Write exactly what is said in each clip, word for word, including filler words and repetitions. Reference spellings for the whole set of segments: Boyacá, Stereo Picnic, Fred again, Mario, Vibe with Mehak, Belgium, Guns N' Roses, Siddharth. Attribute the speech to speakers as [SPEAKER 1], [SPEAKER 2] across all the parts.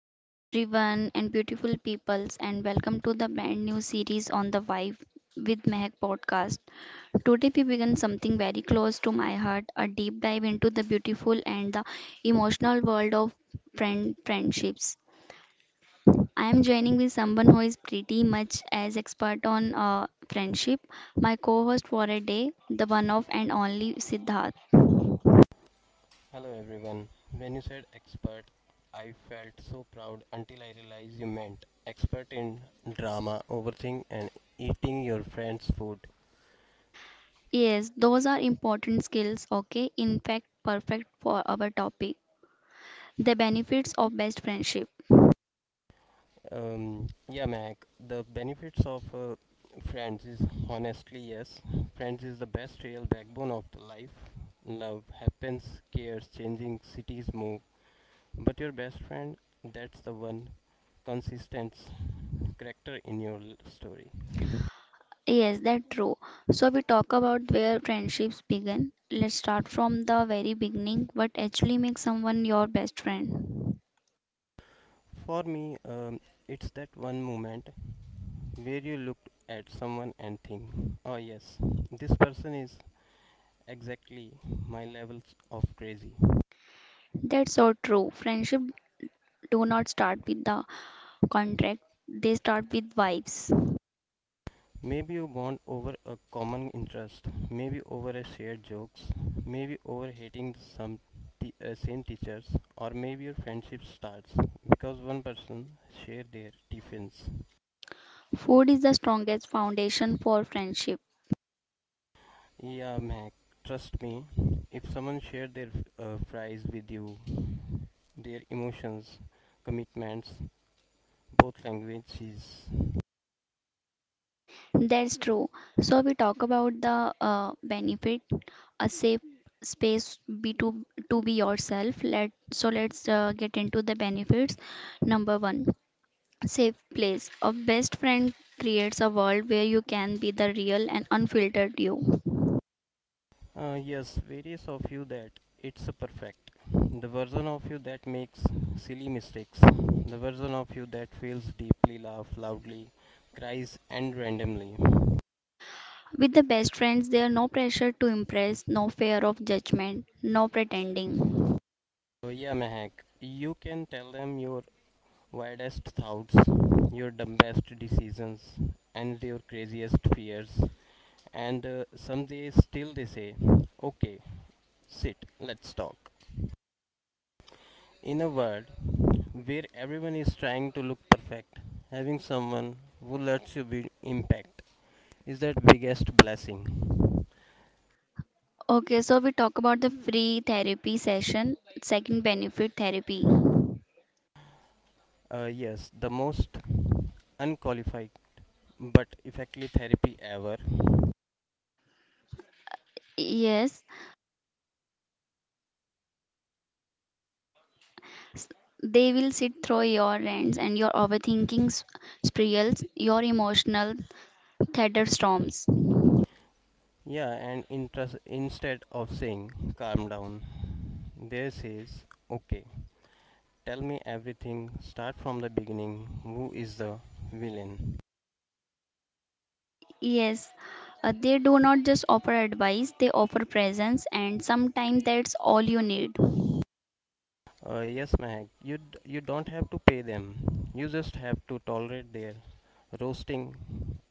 [SPEAKER 1] Hello, everyone, and beautiful peoples, and welcome to the brand new series on the Vibe with Mehak podcast. Today, we begin something very close to my heart, a deep dive into the beautiful and the emotional world of friend friendships. I am joining with someone who is pretty much as expert on uh, friendship, my co host for a day, the one of and only Siddharth.
[SPEAKER 2] Hello everyone. When you said expert, I felt so proud until I realized you meant expert in drama, overthink, and eating your friend's food.
[SPEAKER 1] Yes, those are important skills, okay? In fact, perfect for our topic: the benefits of best friendship.
[SPEAKER 2] Um, yeah, Mac, the benefits of uh, friends is honestly yes. Friends is the best real backbone of the life. Love happens, cares, changing, cities move. But your best friend, that's the one consistent character in your l- story.
[SPEAKER 1] Yes, that's true. So we talk about where friendships begin. Let's start from the very beginning. What actually makes someone your best friend?
[SPEAKER 2] For me, um, it's that one moment where you looked at someone and think, oh yes, this person is exactly my levels of crazy.
[SPEAKER 1] That's so true. Friendship do not start with the contract. They start with vibes.
[SPEAKER 2] Maybe you bond over a common interest, maybe over a shared jokes, maybe over hating some t- uh, same teachers, or maybe your friendship starts because one person share their tiffins.
[SPEAKER 1] Food is the strongest foundation for friendship.
[SPEAKER 2] Yeah, Mac, trust me, if someone share their uh, fries with you, their emotions, commitments, both languages.
[SPEAKER 1] That's true. So we talk about the uh, benefit, a safe space be to to be yourself, let so let's uh, get into the benefits. Number one, safe place. A best friend creates a world where you can be the real and unfiltered you.
[SPEAKER 2] Uh, yes, various of you that it's a perfect. The version of you that makes silly mistakes. The version of you that feels deeply, laughs loudly, cries and randomly.
[SPEAKER 1] With the best friends, there are no pressure to impress, no fear of judgment, no pretending.
[SPEAKER 2] So yeah, Mehak, you can tell them your wildest thoughts, your dumbest decisions, and your craziest fears. And uh, someday still they say, okay, sit, let's talk. In a world where everyone is trying to look perfect, having someone who lets you be impact is that biggest blessing.
[SPEAKER 1] Okay, so we talk about the free therapy session, second benefit, therapy.
[SPEAKER 2] Uh, yes, the most unqualified but effective therapy ever.
[SPEAKER 1] Yes. S- They will sit through your rants and your overthinking s- spirals, your emotional thunderstorms.
[SPEAKER 2] Yeah, and interest, instead of saying calm down, there says okay, tell me everything, start from the beginning. Who is the villain?
[SPEAKER 1] Yes, uh, they do not just offer advice, they offer presence, and sometimes that's all you need.
[SPEAKER 2] Uh, yes, Mahak, you, d- you don't have to pay them, you just have to tolerate their roasting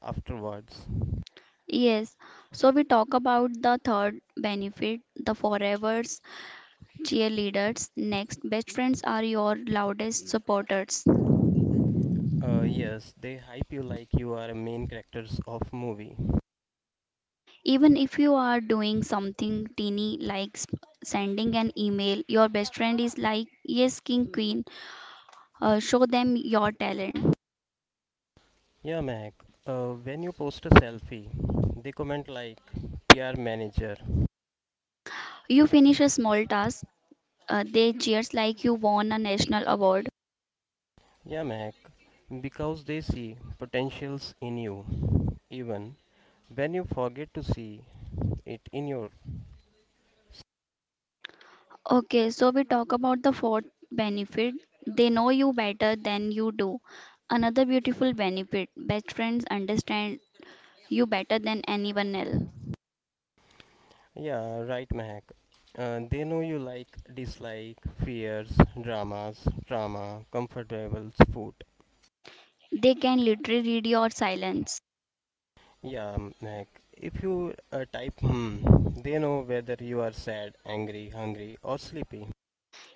[SPEAKER 2] afterwards.
[SPEAKER 1] Yes, so we talk about the third benefit, the forevers, cheerleaders. Next, best friends are your loudest supporters.
[SPEAKER 2] Uh, yes, they hype you like you are a main characters of movie.
[SPEAKER 1] Even if you are doing something teeny like s- sending an email, your best friend is like, yes, king, queen, Uh, show them your talent.
[SPEAKER 2] Yeah, Mac. Uh, when you post a selfie, they comment like P R manager.
[SPEAKER 1] You finish a small task, uh, they cheers like you won a national award.
[SPEAKER 2] Yeah, Mac. Because they see potentials in you, even when you forget to see it in your.
[SPEAKER 1] Okay, so we talk about the fourth benefit. They know you better than you do. Another beautiful benefit, best friends understand you better than anyone else.
[SPEAKER 2] Yeah, right, Mac. Uh, they know you like, dislike, fears, dramas, trauma, comfortable food.
[SPEAKER 1] They can literally read your silence.
[SPEAKER 2] Yeah, um, like if you uh, type hmm, they know whether you are sad, angry, hungry, or sleepy.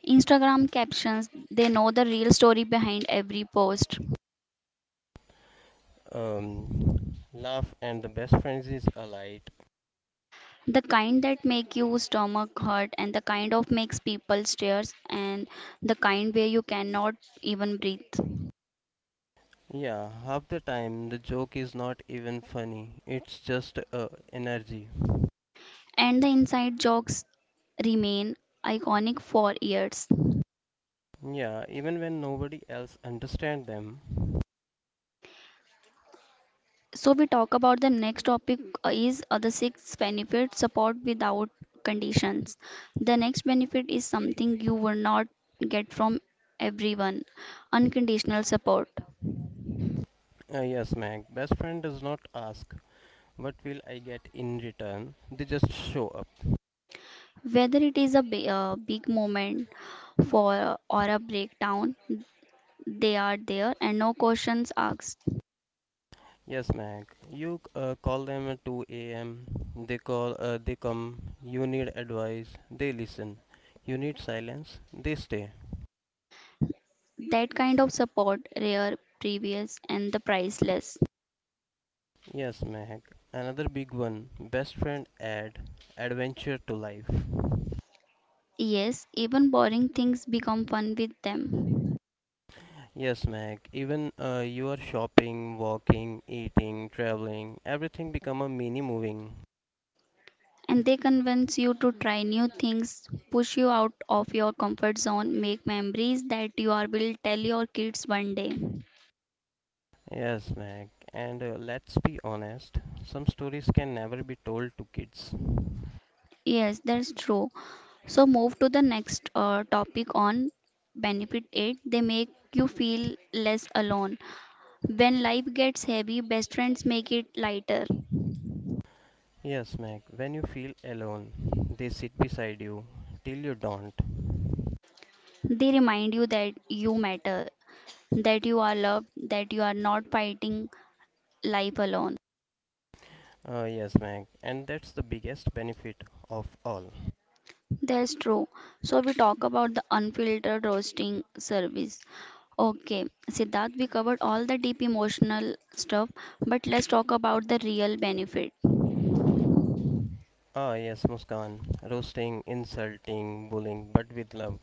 [SPEAKER 1] Instagram captions, they know the real story behind every post.
[SPEAKER 2] Um, laugh and the best friends is alight.
[SPEAKER 1] The kind that make you stomach hurt, and the kind of makes people stares, and the kind where you cannot even breathe.
[SPEAKER 2] Yeah, half the time the joke is not even funny. It's just uh, energy.
[SPEAKER 1] And the inside jokes remain iconic for years.
[SPEAKER 2] Yeah, even when nobody else understand them.
[SPEAKER 1] So we talk about the next topic, uh, is uh, the sixth benefit, support without conditions. The next benefit is something you will not get from everyone, unconditional support.
[SPEAKER 2] Uh, yes, Mac. Best friend does not ask what will I get in return. They just show up.
[SPEAKER 1] Whether it is a bi- uh, big moment for or a breakdown, they are there and no questions asked.
[SPEAKER 2] Yes, Mac. You uh, call them at two a m. They call, uh, they come. You need advice, they listen. You need silence, they stay.
[SPEAKER 1] That kind of support, rare, previous, and the priceless.
[SPEAKER 2] Yes, Mac. Another big one. Best friend add adventure to life.
[SPEAKER 1] Yes, even boring things become fun with them.
[SPEAKER 2] Yes, Mac. Even uh, you are shopping, walking, eating, traveling. Everything become a mini moving.
[SPEAKER 1] And they convince you to try new things, push you out of your comfort zone, make memories that you are will tell your kids one day.
[SPEAKER 2] Yes, Mac. And uh, let's be honest. Some stories can never be told to kids.
[SPEAKER 1] Yes, that's true. So move to the next uh, topic on benefit aid. They make you feel less alone. When life gets heavy, best friends make it lighter.
[SPEAKER 2] Yes, Meg, when you feel alone, they sit beside you till you don't.
[SPEAKER 1] They remind you that you matter, that you are loved, that you are not fighting life alone.
[SPEAKER 2] Ah, yes, Meg, and that's the biggest benefit of all.
[SPEAKER 1] That's true. So we talk about the unfiltered roasting service. Okay, Siddharth, we covered all the deep emotional stuff, but let's talk about the real benefit.
[SPEAKER 2] Ah, yes, Muskan, roasting, insulting, bullying, but with love.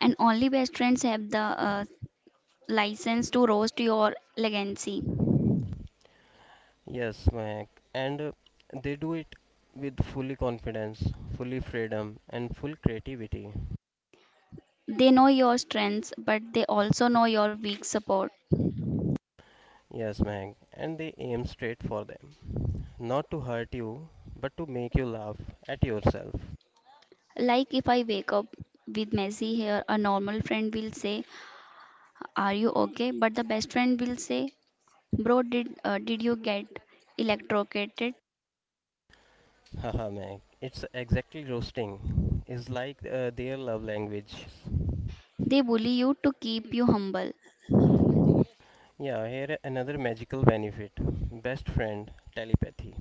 [SPEAKER 1] And only best friends have the uh, license to roast your legacy.
[SPEAKER 2] Yes, Meg, and uh, they do it with fully confidence, fully freedom, and full creativity.
[SPEAKER 1] They know your strengths, but they also know your weak support.
[SPEAKER 2] Yes, Meg, and they aim straight for them. Not to hurt you, but to make you laugh at yourself.
[SPEAKER 1] Like if I wake up with messy hair, a normal friend will say, are you okay? But the best friend will say, bro, did, uh, did you get electrocuted?
[SPEAKER 2] Haha, man, it's exactly roasting. It's like uh, their love language.
[SPEAKER 1] They bully you to keep you humble.
[SPEAKER 2] Yeah, here another magical benefit. Best friend, telepathy.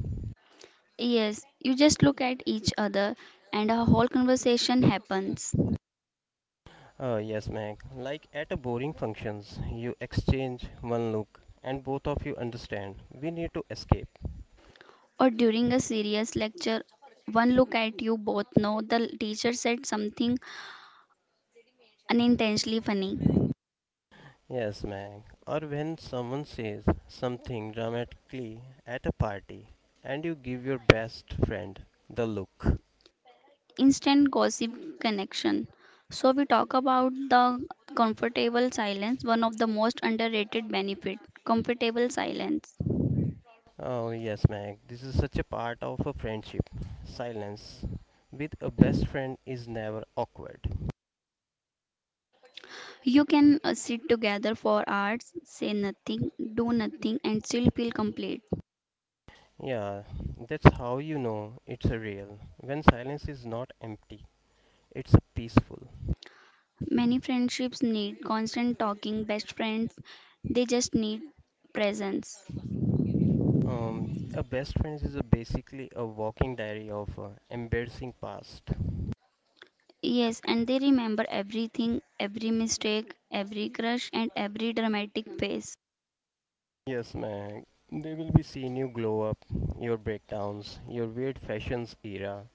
[SPEAKER 1] Yes, you just look at each other and a whole conversation happens.
[SPEAKER 2] Oh yes, Meg. Like at a boring functions, you exchange one look and both of you understand. We need to escape.
[SPEAKER 1] Or during a serious lecture, one look at you both know the teacher said something unintentionally funny.
[SPEAKER 2] Yes, Meg. Or when someone says something dramatically at a party and you give your best friend the look.
[SPEAKER 1] Instant gossip connection. So we talk about the comfortable silence, one of the most underrated benefit, comfortable silence.
[SPEAKER 2] Oh, yes, Meg. This is such a part of a friendship. Silence with a best friend is never awkward.
[SPEAKER 1] You can uh, sit together for hours, say nothing, do nothing, and still feel complete.
[SPEAKER 2] Yeah, that's how you know it's a real. When silence is not empty, it's a peaceful.
[SPEAKER 1] Many friendships need constant talking, best friends, they just need presence.
[SPEAKER 2] Um, a best friend is a basically a walking diary of uh, embarrassing past.
[SPEAKER 1] Yes, and they remember everything, every mistake, every crush, and every dramatic phase.
[SPEAKER 2] Yes, Meg. They will be seeing you glow up, your breakdowns, your weird fashions era,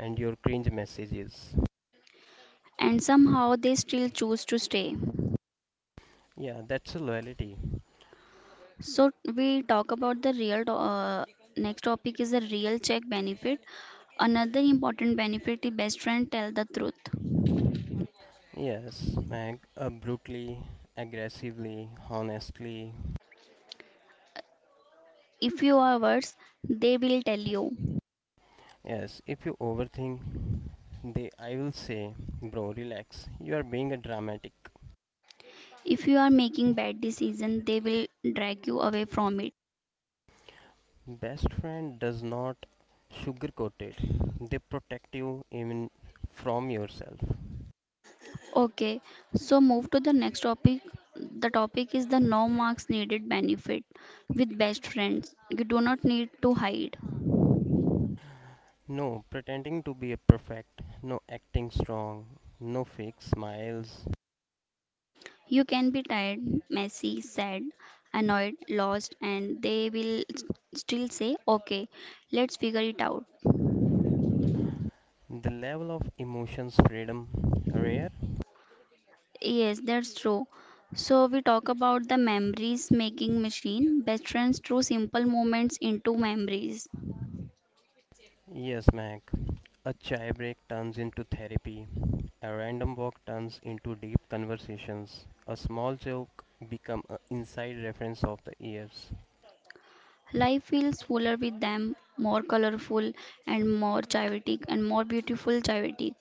[SPEAKER 2] and your cringe messages.
[SPEAKER 1] And somehow they still choose to stay.
[SPEAKER 2] Yeah, that's a loyalty.
[SPEAKER 1] So we talk about the real to- uh, next topic is the real check benefit. Another important benefit is best friend tell the truth.
[SPEAKER 2] Yes, ag- uh, brutally, aggressively, honestly.
[SPEAKER 1] If you are worse, they will tell you.
[SPEAKER 2] Yes, if you overthink, they I will say, bro, relax. You are being a dramatic.
[SPEAKER 1] If you are making bad decision, they will drag you away from it.
[SPEAKER 2] Best friend does not sugarcoat it. They protect you even from yourself.
[SPEAKER 1] Okay, so move to the next topic. The topic is the no marks needed benefit. With best friends, you do not need to hide.
[SPEAKER 2] No pretending to be a perfect, no acting strong, no fake smiles.
[SPEAKER 1] You can be tired, messy, sad, annoyed, lost, and they will s- still say, okay, let's figure it out.
[SPEAKER 2] The level of emotions freedom rare.
[SPEAKER 1] Yes, that's true. So we talk about the memories making machine, best friends through simple moments into memories.
[SPEAKER 2] Yes, Mac. A chai break turns into therapy. A random walk turns into deep conversations. A small joke become an inside reference of the years.
[SPEAKER 1] Life feels fuller with them, more colorful and more chaotic and more beautiful chaotic.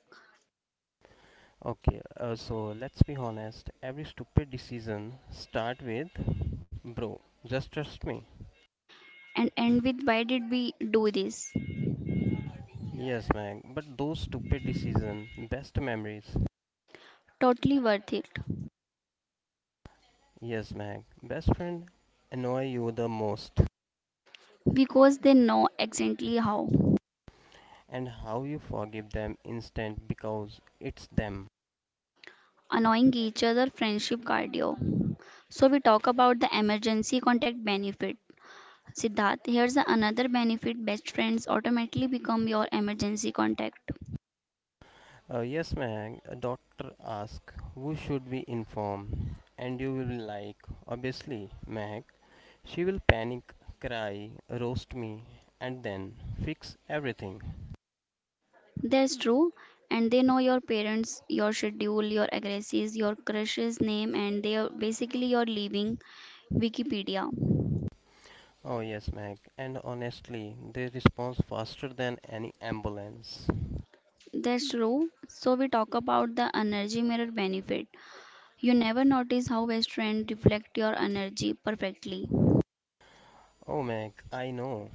[SPEAKER 2] Okay, uh, so let's be honest. Every stupid decision start with bro. Just trust me.
[SPEAKER 1] And end with why did we do this?
[SPEAKER 2] Yes, Mag. But those stupid decision, best memories.
[SPEAKER 1] Totally worth it.
[SPEAKER 2] Yes, Mag. Best friend annoy you the most,
[SPEAKER 1] Because they know exactly how.
[SPEAKER 2] and how you forgive them instant because it's them.
[SPEAKER 1] Annoying each other friendship cardio. So we talk about the emergency contact benefit. Siddharth, here's another benefit, best friends automatically become your emergency contact.
[SPEAKER 2] Uh, yes, Meg, a doctor asks, who should we inform? And you will be like, obviously, Meg. She will panic, cry, roast me, and then fix everything.
[SPEAKER 1] That's true, and they know your parents, your schedule, your addresses, your crush's name, and they are basically your living Wikipedia.
[SPEAKER 2] Oh, yes, Meg, and honestly, they respond faster than any ambulance.
[SPEAKER 1] That's true. So we talk about the energy mirror benefit. You never notice how best friends reflect your energy perfectly.
[SPEAKER 2] Oh, Meg, I know.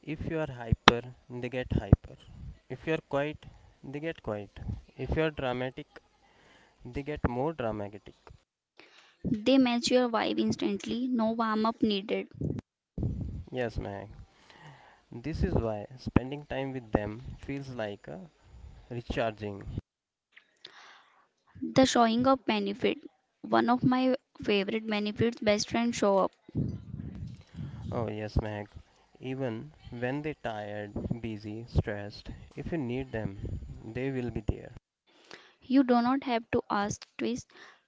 [SPEAKER 2] If you are hyper, they get hyper. If you are quiet, they get quiet. If you are dramatic, they get more dramatic.
[SPEAKER 1] They match your vibe instantly, no warm up needed.
[SPEAKER 2] Yes, Meg. This is why spending time with them feels like a recharging.
[SPEAKER 1] The showing up benefit. One of my favorite benefits, best friend show up.
[SPEAKER 2] Oh yes, Meg. Even when they're tired, busy, stressed, if you need them, they will be there.
[SPEAKER 1] You do not have to ask twice.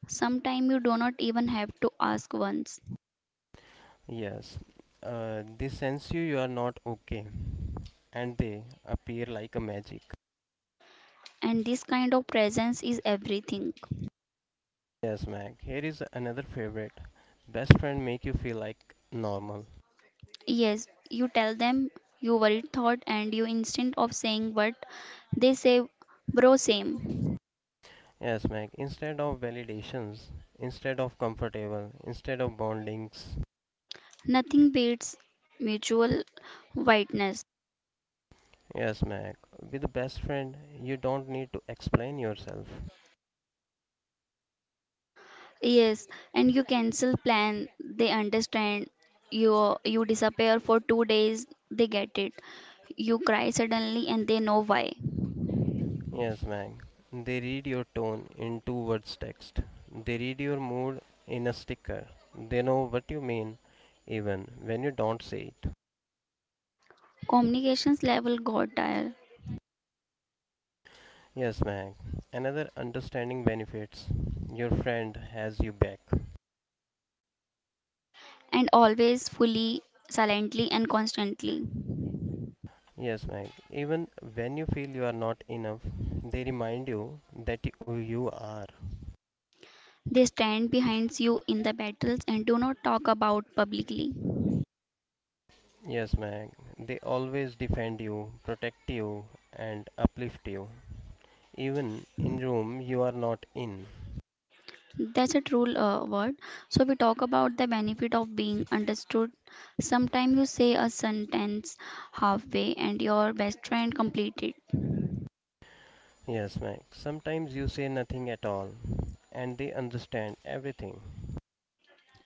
[SPEAKER 1] Sometimes you do not even have to ask once.
[SPEAKER 2] Yes, uh, they sense you you are not okay, and they appear like a magic.
[SPEAKER 1] And this kind of presence is everything.
[SPEAKER 2] Yes, Meg. Here is another favorite. Best friend make you feel like normal.
[SPEAKER 1] Yes, you tell them your worried thought and you instinct of saying what they say, bro same.
[SPEAKER 2] Yes, Meg. Instead of validations, instead of comfortable, instead of bondings,
[SPEAKER 1] Nothing beats mutual whiteness.
[SPEAKER 2] yes, Mac. With a best friend, you don't need to explain yourself.
[SPEAKER 1] Yes, and you cancel plan, they understand. You you disappear for two days, they get it. You cry suddenly and they know why.
[SPEAKER 2] Yes, Mac. They read your tone in two words text. They read your mood in a sticker. They know what you mean even when you don't say it.
[SPEAKER 1] Communications level got tired
[SPEAKER 2] Yes, Mac. Another understanding benefits. Your friend has you back.
[SPEAKER 1] and always fully, silently and constantly.
[SPEAKER 2] Yes, Mac. Even when you feel you are not enough, they remind you that y- you are.
[SPEAKER 1] They stand behind you in the battles and do not talk about publicly.
[SPEAKER 2] Yes, Mac. They always defend you, protect you, and uplift you. Even in room you are not in.
[SPEAKER 1] That's a true uh, word. So we talk about the benefit of being understood. Sometimes you say a sentence halfway and your best friend complete it.
[SPEAKER 2] Yes, Mac. Sometimes you say nothing at all, and they understand everything.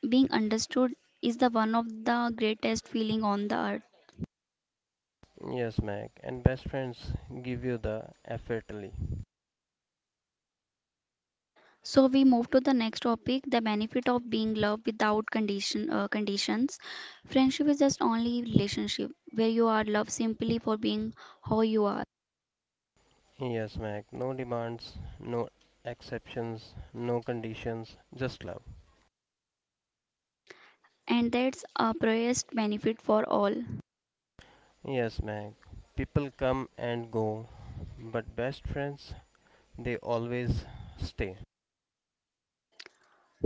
[SPEAKER 1] Being understood is the one of the greatest feeling on the earth.
[SPEAKER 2] Yes, Mac. And best friends give you the effortly.
[SPEAKER 1] So we move to the next topic, the benefit of being loved without condition, uh, conditions. Friendship is just only relationship where you are loved simply for being how you are.
[SPEAKER 2] Yes, Mac. No demands, no exceptions, no conditions, just love.
[SPEAKER 1] And that's a purest benefit for all.
[SPEAKER 2] Yes, Mac. People come and go, but best friends they always stay.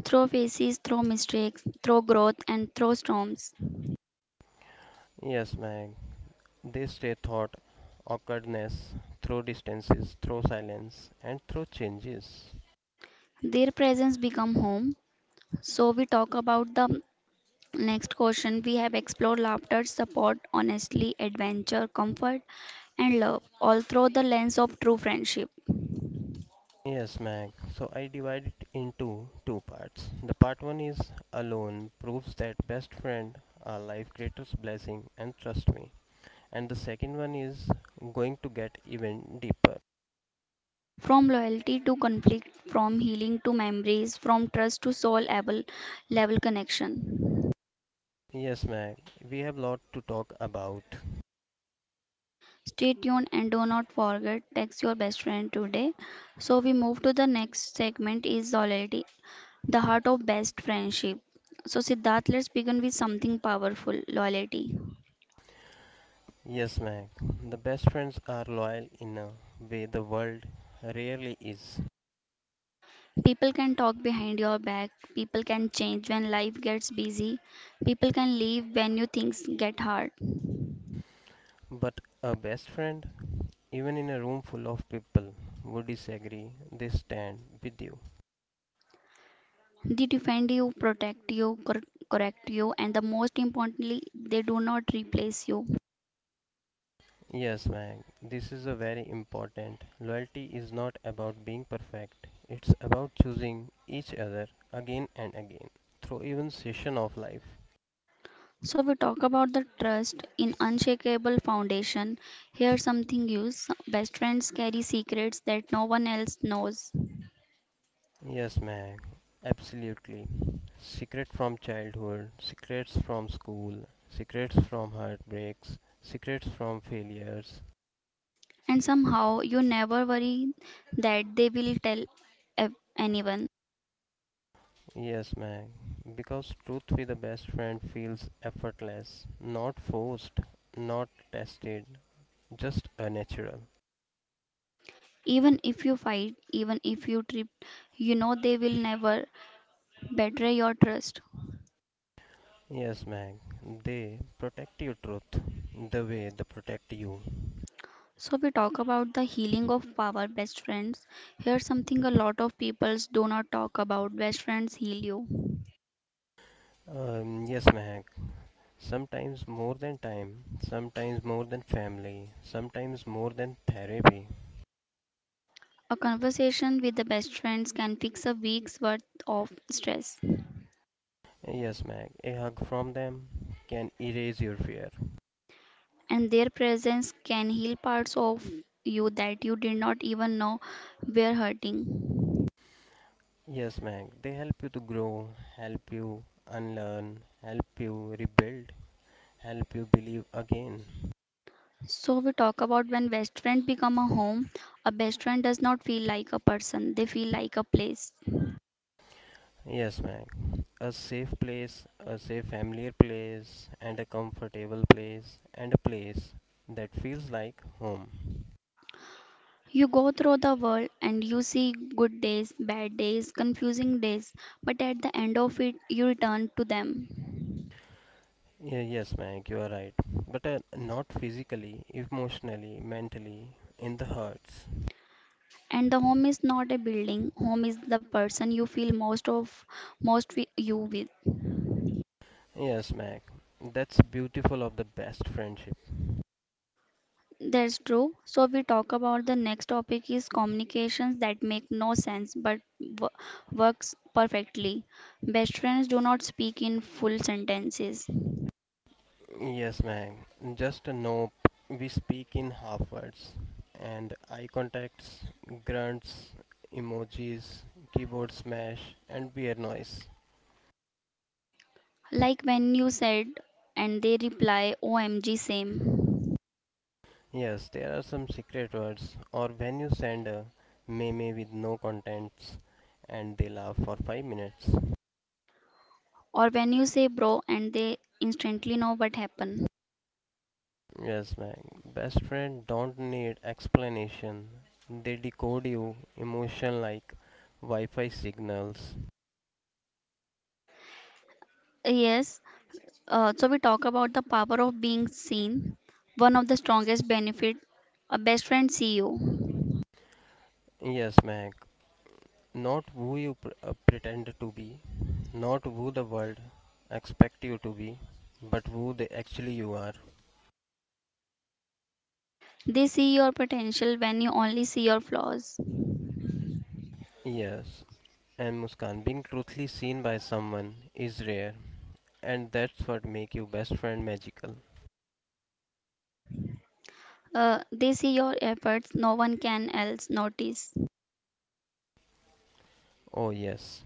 [SPEAKER 1] Through faces, through mistakes, through growth, and through storms,
[SPEAKER 2] Yes, Mac. They stay thought, awkwardness, through distances, through silence, and through changes.
[SPEAKER 1] their presence become home. So we talk about the next question. We have explored laughter, support, honestly, adventure, comfort, and love, all through the lens of true friendship.
[SPEAKER 2] Yes, Mag. So I divide it into two parts. The part one is alone proves that best friend are life creator's blessing and trust me. And the second one is going to get even deeper.
[SPEAKER 1] From loyalty to conflict, from healing to memories, from trust to soul level, level connection.
[SPEAKER 2] Yes, Mag. We have lot to talk about.
[SPEAKER 1] Stay tuned and do not forget text your best friend today. So we move to the next segment is loyalty, the heart of best friendship. So Siddharth, let's begin with something powerful, loyalty.
[SPEAKER 2] Yes, Mag. The best friends are loyal in a way the world rarely is.
[SPEAKER 1] People can talk behind your back, people can change when life gets busy, people can leave when you things get hard.
[SPEAKER 2] But a best friend, even in a room full of people who disagree, they stand with you.
[SPEAKER 1] They defend you, protect you, cor- correct you, and the most importantly, they do not replace you.
[SPEAKER 2] Yes, Mag, this is a very important. Loyalty is not about being perfect. It's about choosing each other again and again through even session of life.
[SPEAKER 1] So we talk about the trust in unshakable foundation. Here, something use best friends carry secrets that no one else knows,
[SPEAKER 2] Yes, Mag, absolutely. Secret from childhood, secrets from school, secrets from heartbreaks, secrets from failures,
[SPEAKER 1] and somehow you never worry that they will tell ev- anyone.
[SPEAKER 2] yes, Meg. Because truth with a best friend feels effortless, not forced, not tested, just a natural.
[SPEAKER 1] Even if you fight, even if you trip, you know they will never betray your trust.
[SPEAKER 2] Yes, Meg. They protect your truth the way they protect you.
[SPEAKER 1] So we talk about the healing of our best friends. Here's something a lot of people do not talk about. Best friends heal you.
[SPEAKER 2] Um, yes, Meg. Sometimes more than time, sometimes more than family, sometimes more than therapy.
[SPEAKER 1] A conversation with the best friends can fix a week's worth of stress,
[SPEAKER 2] Yes, Meg. A hug from them can erase your fear.
[SPEAKER 1] and their presence can heal parts of you that you did not even know were hurting.
[SPEAKER 2] Yes, Meg. They help you to grow, help you unlearn, help you rebuild, help you believe again.
[SPEAKER 1] So we talk about when best friends become a home, a best friend does not feel like a person, they feel like a place.
[SPEAKER 2] Yes, Mac. A safe place, a safe familiar place, and a comfortable place, and a place that feels like home.
[SPEAKER 1] You go through the world and you see good days, bad days, confusing days, but at the end of it, you return to them.
[SPEAKER 2] Yeah, yes, Mac, you are right. But uh, not physically, emotionally, mentally, in the hearts.
[SPEAKER 1] And the home is not a building, home is the person you feel most of most wi- you with.
[SPEAKER 2] Yes, Mac. That's beautiful of the best friendship.
[SPEAKER 1] That's true. So we talk about the next topic is communications that make no sense but w- works perfectly. Best friends do not speak in full sentences.
[SPEAKER 2] Yes, man. Just a nope. We speak in half words, and eye contacts, grunts, emojis, keyboard smash, and beer noise.
[SPEAKER 1] Like when you said and they reply O M G same.
[SPEAKER 2] Yes, there are some secret words, or when you send a meme with no contents, and they laugh for five minutes.
[SPEAKER 1] Or when you say bro and they instantly know what happened.
[SPEAKER 2] Yes, man. Best friend don't need explanation. They decode you emotion like Wi-Fi signals.
[SPEAKER 1] Yes, uh, so we talk about the power of being seen, one of the strongest benefit, a best friend see you.
[SPEAKER 2] Yes, Mac. Not who you pr- uh, pretend to be, not who the world expect you to be, but who they actually you are.
[SPEAKER 1] They see your potential when you only see your flaws.
[SPEAKER 2] Yes, and Muskan, being truthfully seen by someone is rare, and that's what make your best friend magical.
[SPEAKER 1] Uh, they see your efforts no one can else notice.
[SPEAKER 2] Oh yes,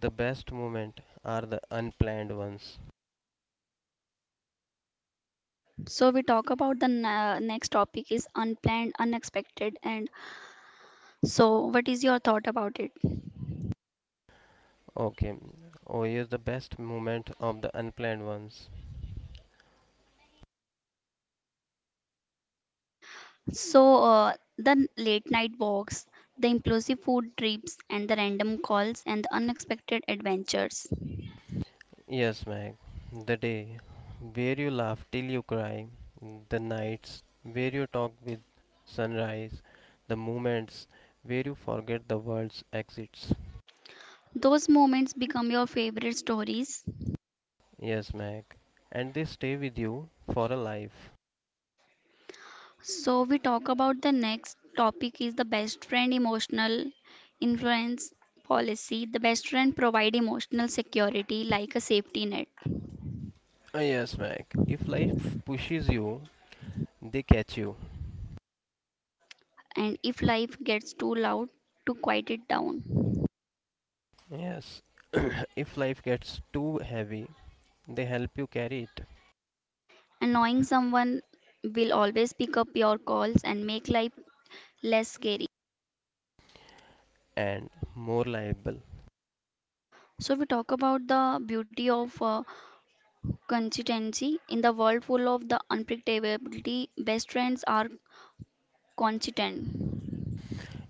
[SPEAKER 2] the best moment are the unplanned ones.
[SPEAKER 1] So we talk about the na- next topic is unplanned, unexpected, and so what is your thought about it?
[SPEAKER 2] Okay, oh yes, the best moment of the unplanned ones.
[SPEAKER 1] So, uh, the late night walks, the implosive food trips, and the random calls and the unexpected adventures.
[SPEAKER 2] Yes, Meg. The day where you laugh till you cry, the nights where you talk with sunrise, the moments where you forget the world's exits.
[SPEAKER 1] Those moments become your favorite stories.
[SPEAKER 2] Yes, Meg. And they stay with you for a life.
[SPEAKER 1] So, we talk about the next topic is the best friend emotional influence policy. The best friend provide emotional security like a safety net.
[SPEAKER 2] Uh, Yes, Meg. If life pushes you, they catch you.
[SPEAKER 1] And if life gets too loud, to quiet it down.
[SPEAKER 2] Yes. If life gets too heavy, they help you carry it.
[SPEAKER 1] And knowing someone will always pick up your calls and make life less scary.
[SPEAKER 2] And more liable.
[SPEAKER 1] So we talk about the beauty of uh, consistency in the world full of the unpredictability. Best trends are consistent,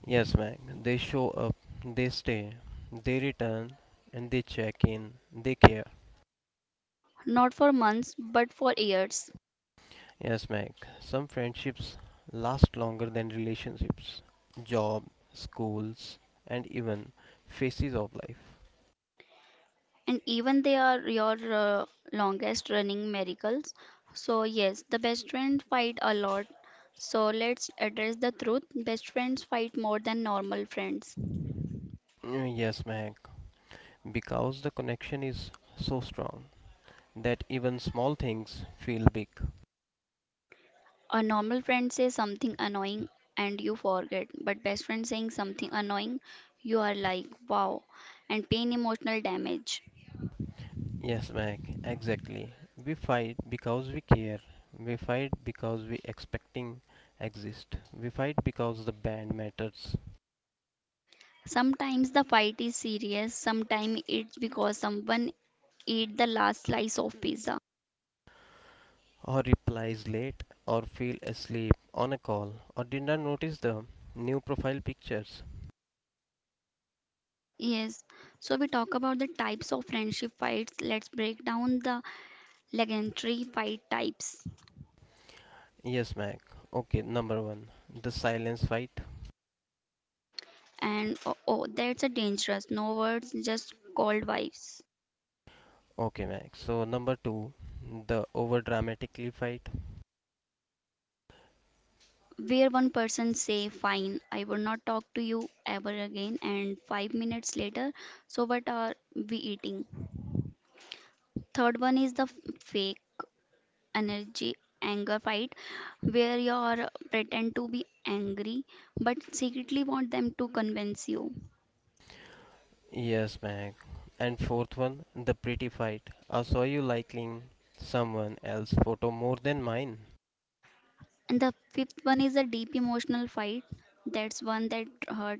[SPEAKER 2] Yes, Mac. They show up, they stay, they return, and they check in, they care.
[SPEAKER 1] not for months but for years,
[SPEAKER 2] Yes, Mac. Some friendships last longer than relationships, job, schools, and even phases of life.
[SPEAKER 1] and even they are your uh, longest running miracles. So yes, the best friends fight a lot. So let's address the truth. Best friends fight more than normal friends.
[SPEAKER 2] Mm, Yes, Mac. Because the connection is so strong that even small things feel big.
[SPEAKER 1] A normal friend says something annoying and you forget, but best friend saying something annoying, you are like, wow, and pain emotional damage.
[SPEAKER 2] Yes, Mac, exactly. We fight because we care. We fight because we expecting exist. We fight because the band matters,
[SPEAKER 1] Sometimes the fight is serious, sometimes it's because someone ate the last slice of pizza.
[SPEAKER 2] or replies late, or feel asleep on a call, or did not notice the new profile pictures.
[SPEAKER 1] Yes, so we talk about the types of friendship fights. Let's break down the legendary fight types.
[SPEAKER 2] Yes, Mac. Okay, number one, the silence fight.
[SPEAKER 1] And oh, oh that's a dangerous, no words, just cold vibes.
[SPEAKER 2] Okay, Mac. So number two, the over dramatically fight.
[SPEAKER 1] Where one person say fine, I will not talk to you ever again and five minutes later, so what are we eating? Third one is the f- fake energy anger fight, where you are pretend to be angry but secretly want them to convince you.
[SPEAKER 2] Yes, Meg. And fourth one, the pretty fight. I saw you liking someone else's photo more than mine.
[SPEAKER 1] And the fifth one is a deep emotional fight, that's one that hurt,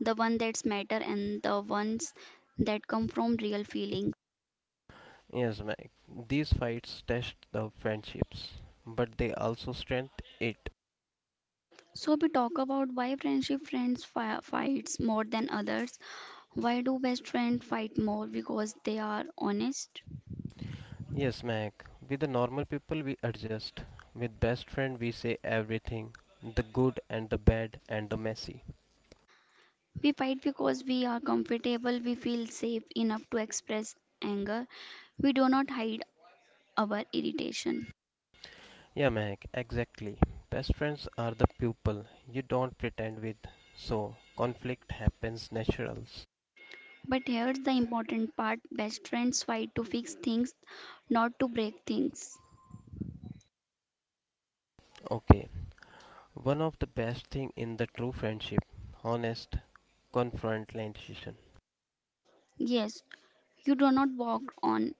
[SPEAKER 1] the one that's matter, and the ones that come from real feeling.
[SPEAKER 2] Yes, Meg. These fights test the friendships, but they also strengthen it.
[SPEAKER 1] So we talk about why friendship friends fi- fights more than others. Why do best friends fight more? Because they are honest.
[SPEAKER 2] Yes, Meg. With the normal people, we adjust. With best friend, we say everything the good and the bad and the messy.
[SPEAKER 1] We fight because we are comfortable. We feel safe enough to express anger. We do not hide our irritation.
[SPEAKER 2] Yeah, Meg, exactly. Best friends are the people you don't pretend with, so conflict happens naturals.
[SPEAKER 1] But here's the important part: best friends fight to fix things, not to break things.
[SPEAKER 2] Okay, one of the best thing in the true friendship, honest confrontation.
[SPEAKER 1] Yes, you do not walk on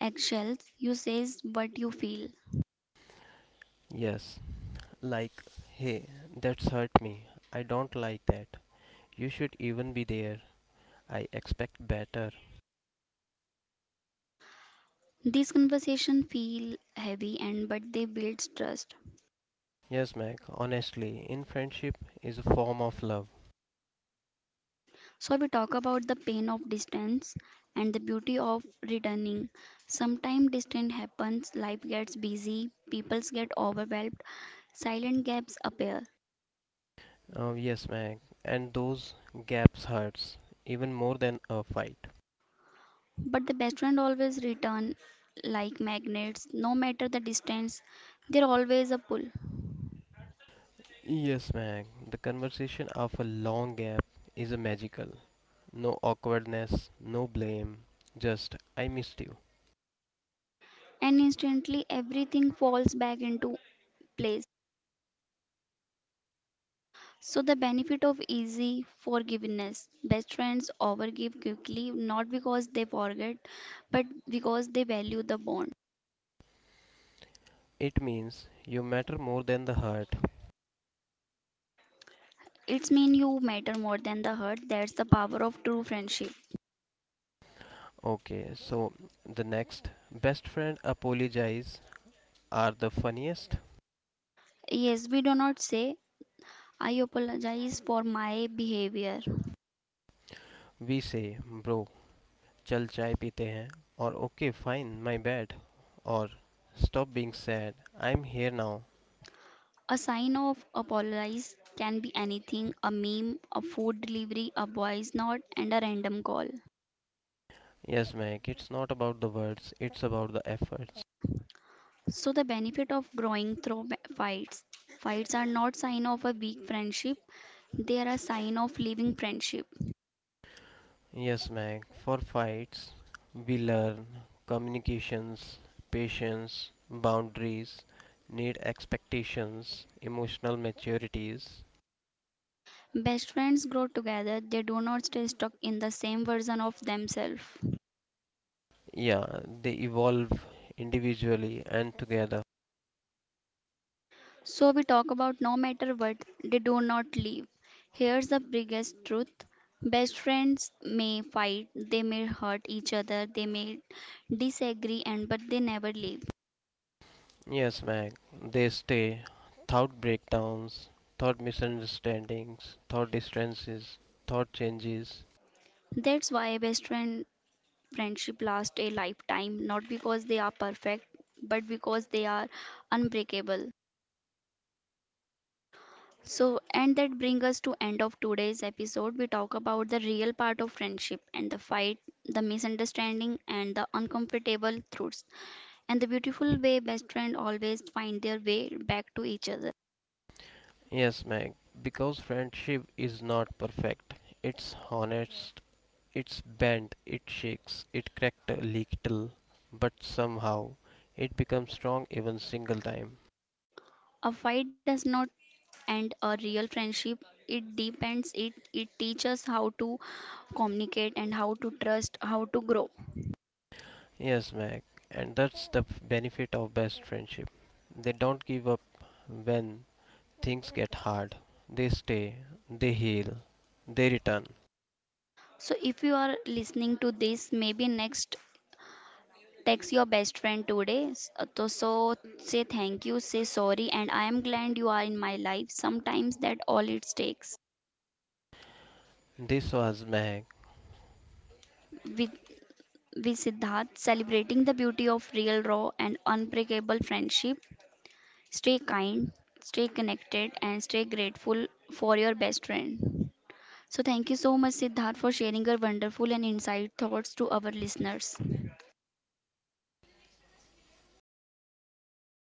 [SPEAKER 1] eggshells. You says what you feel.
[SPEAKER 2] Yes, like, hey, that's hurt me. I don't like that. You should even be there. I expect better.
[SPEAKER 1] These conversations feel heavy and but they build trust.
[SPEAKER 2] Yes, Mac, honestly, in friendship is a form of love.
[SPEAKER 1] So, we talk about the pain of distance and the beauty of returning. Sometimes distance happens, life gets busy, people get overwhelmed, silent gaps appear.
[SPEAKER 2] Oh, yes, Mac, and those gaps hurts even more than a fight.
[SPEAKER 1] But the best friend always return like magnets, no matter the distance, they're always a pull.
[SPEAKER 2] Yes, Mac, the conversation of a long gap is a magical. No awkwardness, no blame, just I missed you.
[SPEAKER 1] And instantly everything falls back into place. So the benefit of easy forgiveness. Best friends overgive quickly, not because they forget, but because they value the bond.
[SPEAKER 2] It means you matter more than the hurt.
[SPEAKER 1] It's mean you matter more than the hurt. That's the power of true friendship.
[SPEAKER 2] Okay, so the next best friend apologize are the funniest.
[SPEAKER 1] Yes, we do not say, I apologize for my behavior.
[SPEAKER 2] We say, bro, chal chai pite hain, or okay, fine, my bad, or stop being sad, I'm here now.
[SPEAKER 1] A sign of apologize can be anything, a meme, a food delivery, a voice note, and a random call.
[SPEAKER 2] Yes, Mac, it's not about the words, it's about the efforts.
[SPEAKER 1] So, the benefit of growing through ba- fights. Fights are not sign of a weak friendship. They are a sign of living friendship.
[SPEAKER 2] Yes, Mac, for fights, we learn communications, patience, boundaries, need expectations, emotional maturities,
[SPEAKER 1] Best friends grow together. They do not stay stuck in the same version of themselves.
[SPEAKER 2] yeah, they evolve individually and together.
[SPEAKER 1] So we talk about no matter what, they do not leave. Here's the biggest truth. Best friends may fight, they may hurt each other, they may disagree and but they never leave.
[SPEAKER 2] Yes, Mac, they stay. Thought breakdowns, thought misunderstandings, thought distances, thought changes.
[SPEAKER 1] That's why best friend friendship lasts a lifetime, not because they are perfect, but because they are unbreakable. So and that brings us to end of today's episode. We talk about the real part of friendship and the fight, the misunderstanding and the uncomfortable truths, and the beautiful way best friends always find their way back to each other.
[SPEAKER 2] Yes, Mac, because friendship is not perfect. It's honest, it's bent, it shakes, it cracked a little, but somehow it becomes strong even single time.
[SPEAKER 1] A fight does not end a real friendship. It depends. It it teaches how to communicate and how to trust, how to grow.
[SPEAKER 2] Yes, Mac, and that's the f- benefit of best friendship. They don't give up when things get hard. They stay, they heal, they return.
[SPEAKER 1] So if you are listening to this, maybe next text your best friend today. S- So, so say thank you, say sorry, and I am glad you are in my life. Sometimes that all it takes.
[SPEAKER 2] This was Mac.
[SPEAKER 1] With with Siddharth, celebrating the beauty of real, raw, and unbreakable friendship. Stay kind, stay connected, and stay grateful for your best friend. So, thank you so much, Siddharth, for sharing your wonderful and insight thoughts to our listeners.